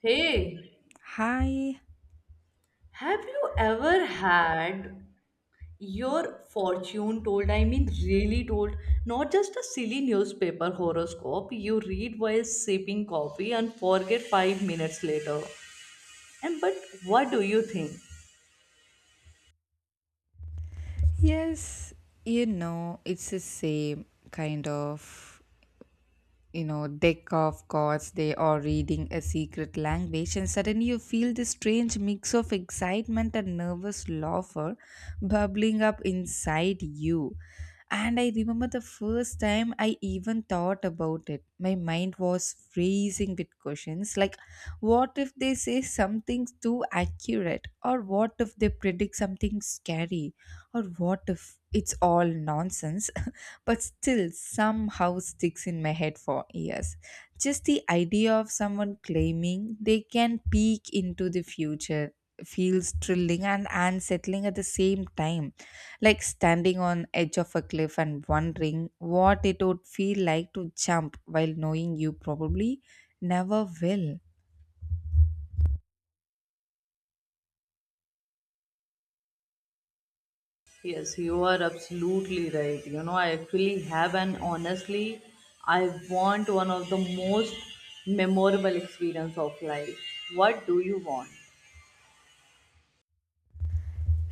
Hey, Hi. have you ever had your fortune told? I mean, really told, not just a silly newspaper horoscope you read while sipping coffee and forget 5 minutes later. And but what do you think? Yes, it's the same kind of deck of cards they are reading a secret language, and suddenly you feel this strange mix of excitement and nervous laughter bubbling up inside you. And I remember the first time I even thought about it, my mind was freezing with questions like, what if they say something too accurate, or what if they predict something scary, or what if it's all nonsense? But still somehow sticks in my head for years. Just the idea of someone claiming they can peek into the future feels thrilling and unsettling at the same time, like standing on edge of a cliff and wondering what it would feel like to jump while knowing you probably never will. Yes, you are absolutely right. You know, I actually have, and honestly, I want one of the most memorable experience of life. What do you want?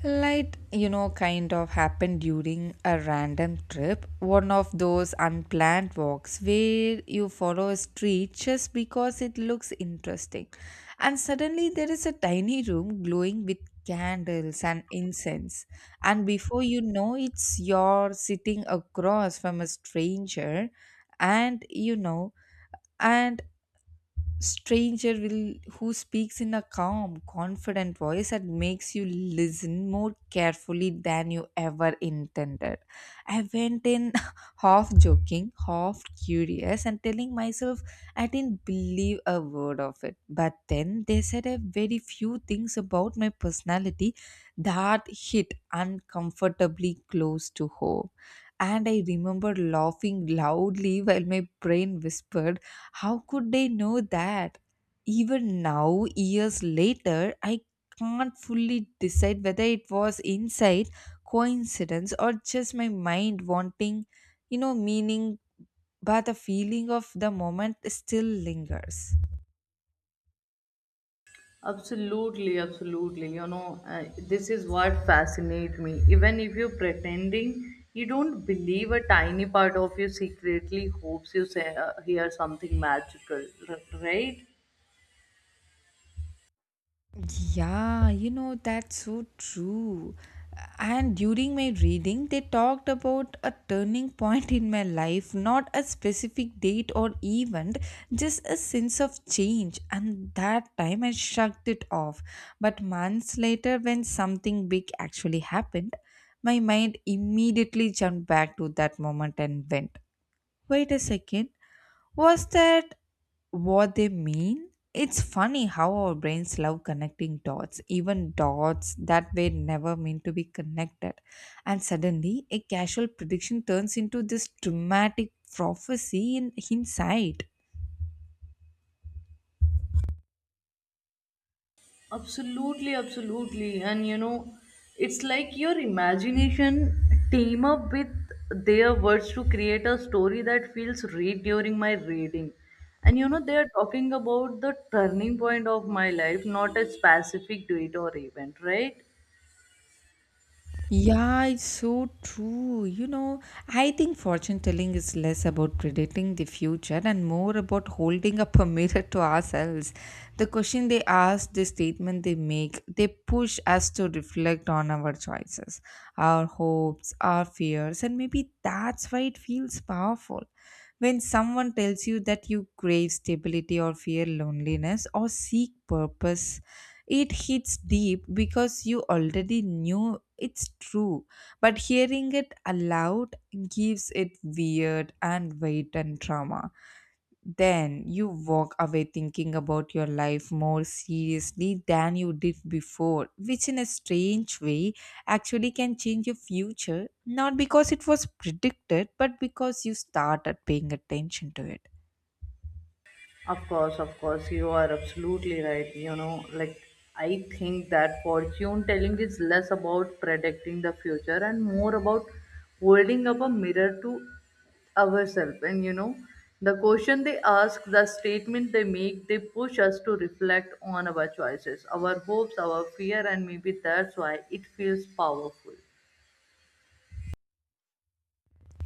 Like, kind of happened during a random trip, one of those unplanned walks where you follow a street just because it looks interesting. And suddenly there is a tiny room glowing with candles and incense. And before you know, it's you're sitting across from a stranger, and you know, and stranger will who speaks in a calm confident voice that makes you listen more carefully than you ever intended. I went in half joking, half curious, and telling myself I didn't believe a word of it. But then they said a very few things about my personality that hit uncomfortably close to home. And I remember laughing loudly while my brain whispered, how could they know that? Even now, years later, I can't fully decide whether it was insight, coincidence, or just my mind wanting, meaning, but the feeling of the moment still lingers. Absolutely, absolutely. You know, this is what fascinates me. Even if you're pretending you don't believe, a tiny part of you secretly hopes you say, hear something magical, right? Yeah, you know, that's so true. And during my reading, they talked about a turning point in my life, not a specific date or event, just a sense of change. And that time I shrugged it off. But months later, when something big actually happened, my mind immediately jumped back to that moment and went, wait a second, was that what they mean. It's funny how our brains love connecting dots, even dots that were never meant to be connected. And suddenly, a casual prediction turns into this dramatic prophecy in hindsight. Absolutely, absolutely. And you know, it's like your imagination team up with their words to create a story that feels real during my reading. And you know, they are talking about the turning point of my life, not a specific date or event, right? Yeah, it's so true. You know, I think fortune telling is less about predicting the future and more about holding up a mirror to ourselves. The question they ask, the statement they make, they push us to reflect on our choices, our hopes, our fears, and maybe that's why it feels powerful. When someone tells you that you crave stability or fear loneliness or seek purpose, it hits deep because you already knew it's true, but hearing it aloud gives it weird and weight and trauma. Then you walk away thinking about your life more seriously than you did before, which in a strange way actually can change your future, not because it was predicted, but because you started paying attention to it. Of course, you are absolutely right. You know, like I think that fortune telling is less about predicting the future and more about holding up a mirror to ourselves. And you know, the question they ask, the statement they make, they push us to reflect on our choices, our hopes, our fear, and maybe that's why it feels powerful.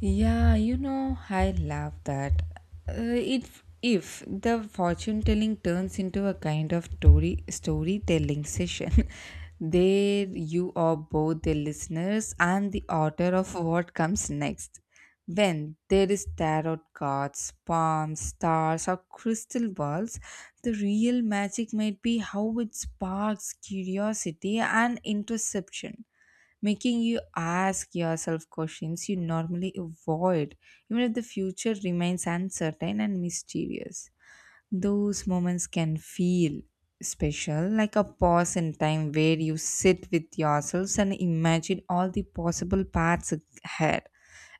Yeah, you know, I love that. If the fortune telling turns into a kind of storytelling session, there you are both the listeners and the author of what comes next. When there is tarot cards, palms, stars, or crystal balls, the real magic might be how it sparks curiosity and interception, making you ask yourself questions you normally avoid, even if the future remains uncertain and mysterious. Those moments can feel special, like a pause in time where you sit with yourselves and imagine all the possible paths ahead.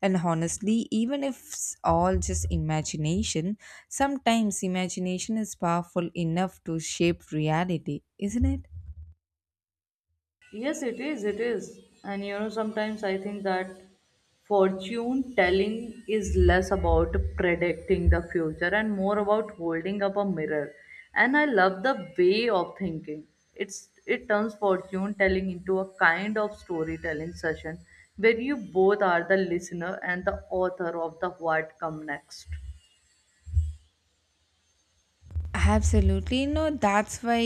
And honestly, even if it's all just imagination, sometimes imagination is powerful enough to shape reality, isn't it? Yes, it is. It is. And you know, sometimes I think that fortune telling is less about predicting the future and more about holding up a mirror. And I love the way of thinking. It turns fortune telling into a kind of storytelling session where you both are the listener and the author of the what come next. Absolutely. You know, that's why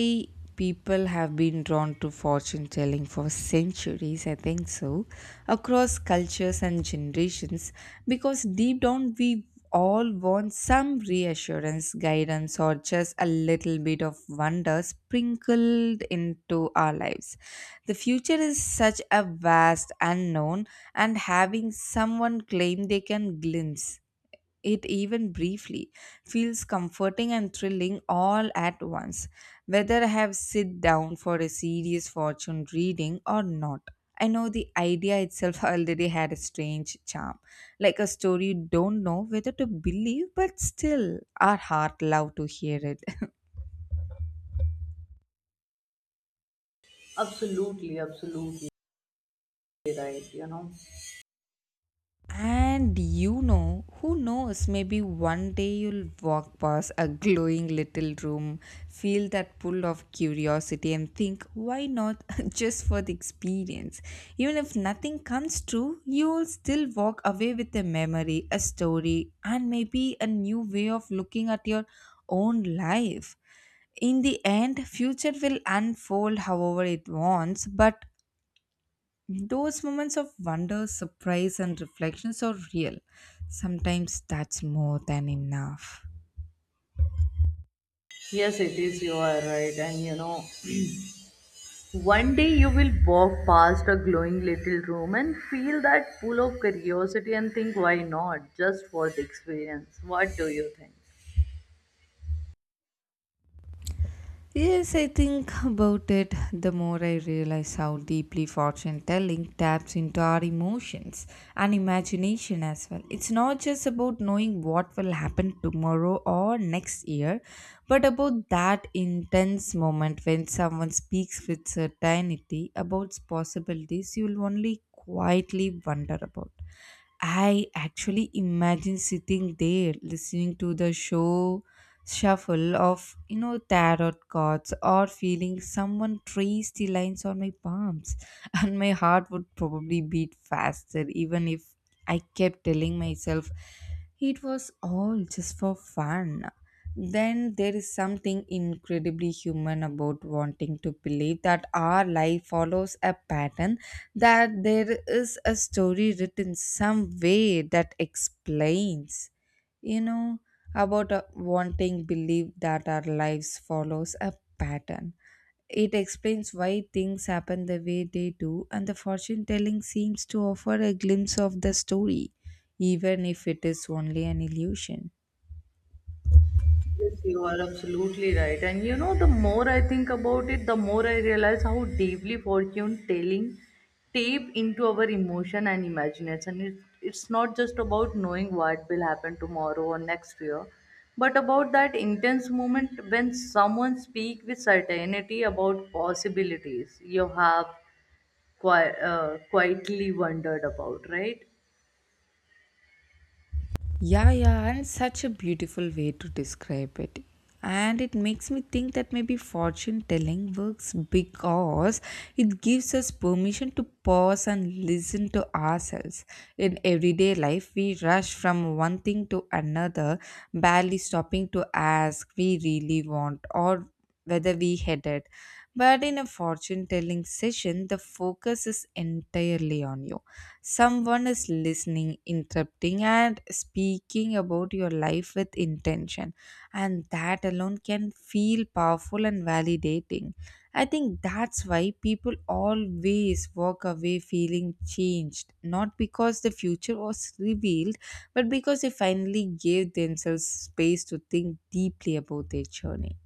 people have been drawn to fortune telling for centuries, I think so, across cultures and generations, because deep down we all want some reassurance, guidance, or just a little bit of wonder sprinkled into our lives. The future is such a vast unknown, and having someone claim they can glimpse it even briefly feels comforting and thrilling all at once, whether I have sit down for a serious fortune reading or not. I know the idea itself already had a strange charm, like a story you don't know whether to believe, but still our heart love to hear it. Absolutely, absolutely right, you know. And you know, who knows, maybe one day you'll walk past a glowing little room, feel that pull of curiosity, and think, why not, just for the experience? Even if nothing comes true, you'll still walk away with a memory, a story, and maybe a new way of looking at your own life. In the end, future will unfold however it wants, but those moments of wonder, surprise, and reflections are real. Sometimes that's more than enough. Yes, it is. You are right. And you know, one day you will walk past a glowing little room and feel that pull of curiosity and think, why not? Just for the experience. What do you think? Yes, I think about it, the more I realize how deeply fortune telling taps into our emotions and imagination as well. It's not just about knowing what will happen tomorrow or next year, but about that intense moment when someone speaks with certainty about possibilities you will only quietly wonder about. I actually imagine sitting there listening to the show shuffle of tarot cards or feeling someone trace the lines on my palms, and my heart would probably beat faster even if I kept telling myself it was all just for fun. Then there is something incredibly human about wanting to believe that our life follows a pattern, that there is a story written some way that explains, you know about wanting belief that our lives follows a pattern. It explains why things happen the way they do, and the fortune telling seems to offer a glimpse of the story even if it is only an illusion. Yes, you are absolutely right. And you know, the more I think about it, the more I realize how deeply fortune telling tape into our emotion and imagination. It's not just about knowing what will happen tomorrow or next year, but about that intense moment when someone speaks with certainty about possibilities you have quietly wondered about, right? Yeah, yeah, and such a beautiful way to describe it. And it makes me think that maybe fortune telling works because it gives us permission to pause and listen to ourselves. In everyday life, we rush from one thing to another, barely stopping to ask we really want or whether we headed. But in a fortune telling session, the focus is entirely on you. Someone is listening, interrupting, and speaking about your life with intention. And that alone can feel powerful and validating. I think that's why people always walk away feeling changed, not because the future was revealed, but because they finally gave themselves space to think deeply about their journey.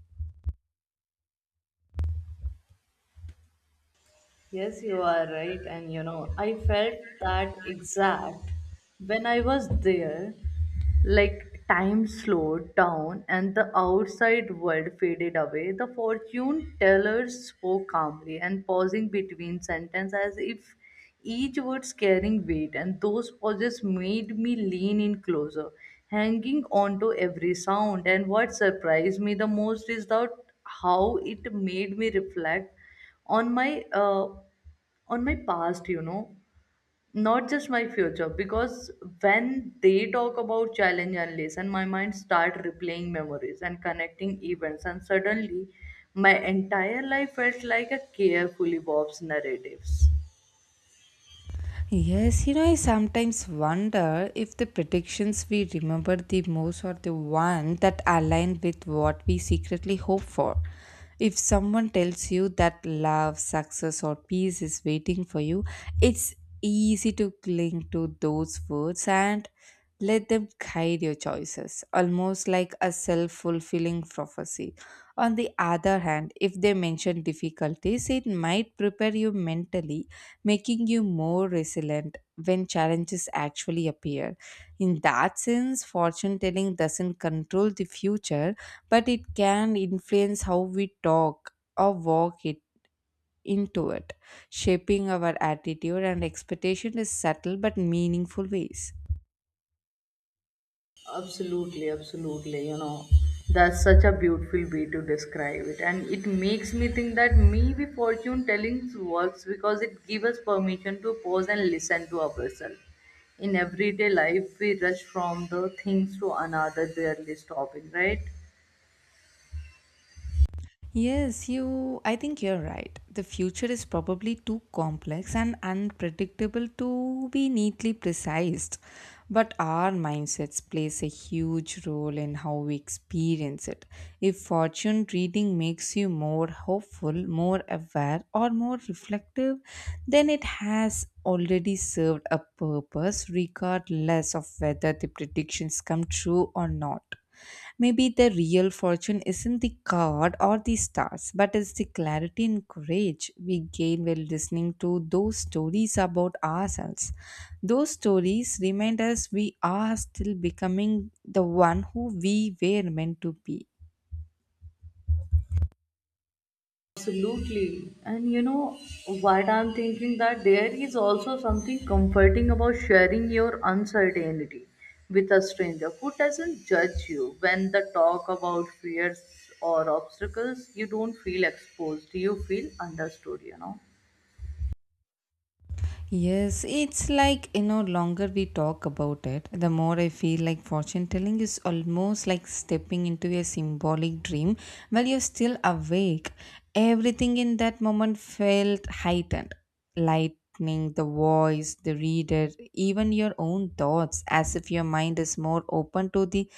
Yes, you are right. And you know, I felt that exact when I was there. Like time slowed down and the outside world faded away. The fortune teller spoke calmly and pausing between sentences as if each word's carrying weight, and those pauses made me lean in closer, hanging on to every sound. And what surprised me the most is that how it made me reflect on my uh, on my past, you know, not just my future, because when they talk about challenge and lesson, my mind start replaying memories and connecting events, and suddenly my entire life felt like a carefully Bob's narratives. Yes, you know, I sometimes wonder if the predictions we remember the most are the ones that align with what we secretly hope for. If someone tells you that love, success, or peace is waiting for you, it's easy to cling to those words and let them guide your choices, almost like a self fulfilling prophecy. On the other hand, if they mention difficulties, it might prepare you mentally, making you more resilient when challenges actually appear. In that sense, fortune telling doesn't control the future, but it can influence how we talk or walk it into it, shaping our attitude and expectation in subtle but meaningful ways. Absolutely, absolutely. You know, that's such a beautiful way to describe it. And it makes me think that maybe fortune telling works because it gives us permission to pause and listen to ourselves. In everyday life, we rush from the things to another, barely stopping, right? Yes, you. I think you're right. The future is probably too complex and unpredictable to be neatly precise. But our mindsets plays a huge role in how we experience it. If fortune reading makes you more hopeful, more aware, or more reflective, then it has already served a purpose, regardless of whether the predictions come true or not. Maybe the real fortune isn't the card or the stars, but it's the clarity and courage we gain while listening to those stories about ourselves. Those stories remind us we are still becoming the one who we were meant to be. Absolutely. And you know, what I'm thinking that there is also something comforting about sharing your uncertainty with a stranger who doesn't judge you. When the talk about fears or obstacles, you don't feel exposed, you feel understood, you know. Yes, it's like, you know, longer we talk about it, the more I feel like fortune telling is almost like stepping into a symbolic dream while you're still awake. Everything in that moment felt heightened. Lightning, the voice, the reader, even your own thoughts, as if your mind is more open to the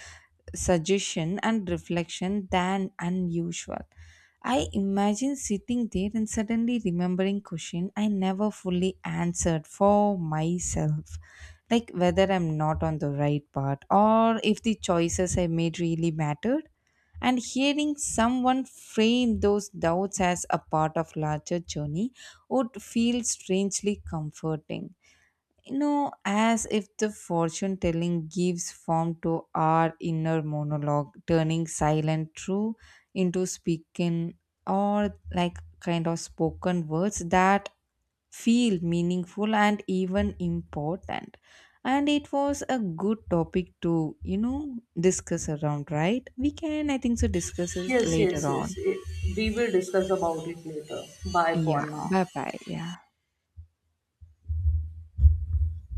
suggestion and reflection than unusual. I imagine sitting there and suddenly remembering question I never fully answered for myself, like whether I'm not on the right path or if the choices I made really mattered. And hearing someone frame those doubts as a part of larger journey would feel strangely comforting, you know, as if the fortune telling gives form to our inner monologue, turning silent truth into speaking or like kind of spoken words that feel meaningful and even important. And it was a good topic to, you know, discuss around, right? We can, I think so, discuss it Yes, yes, later yes. on. Eh, we will discuss about it later. Bye Yeah, for now. bye bye. Yeah.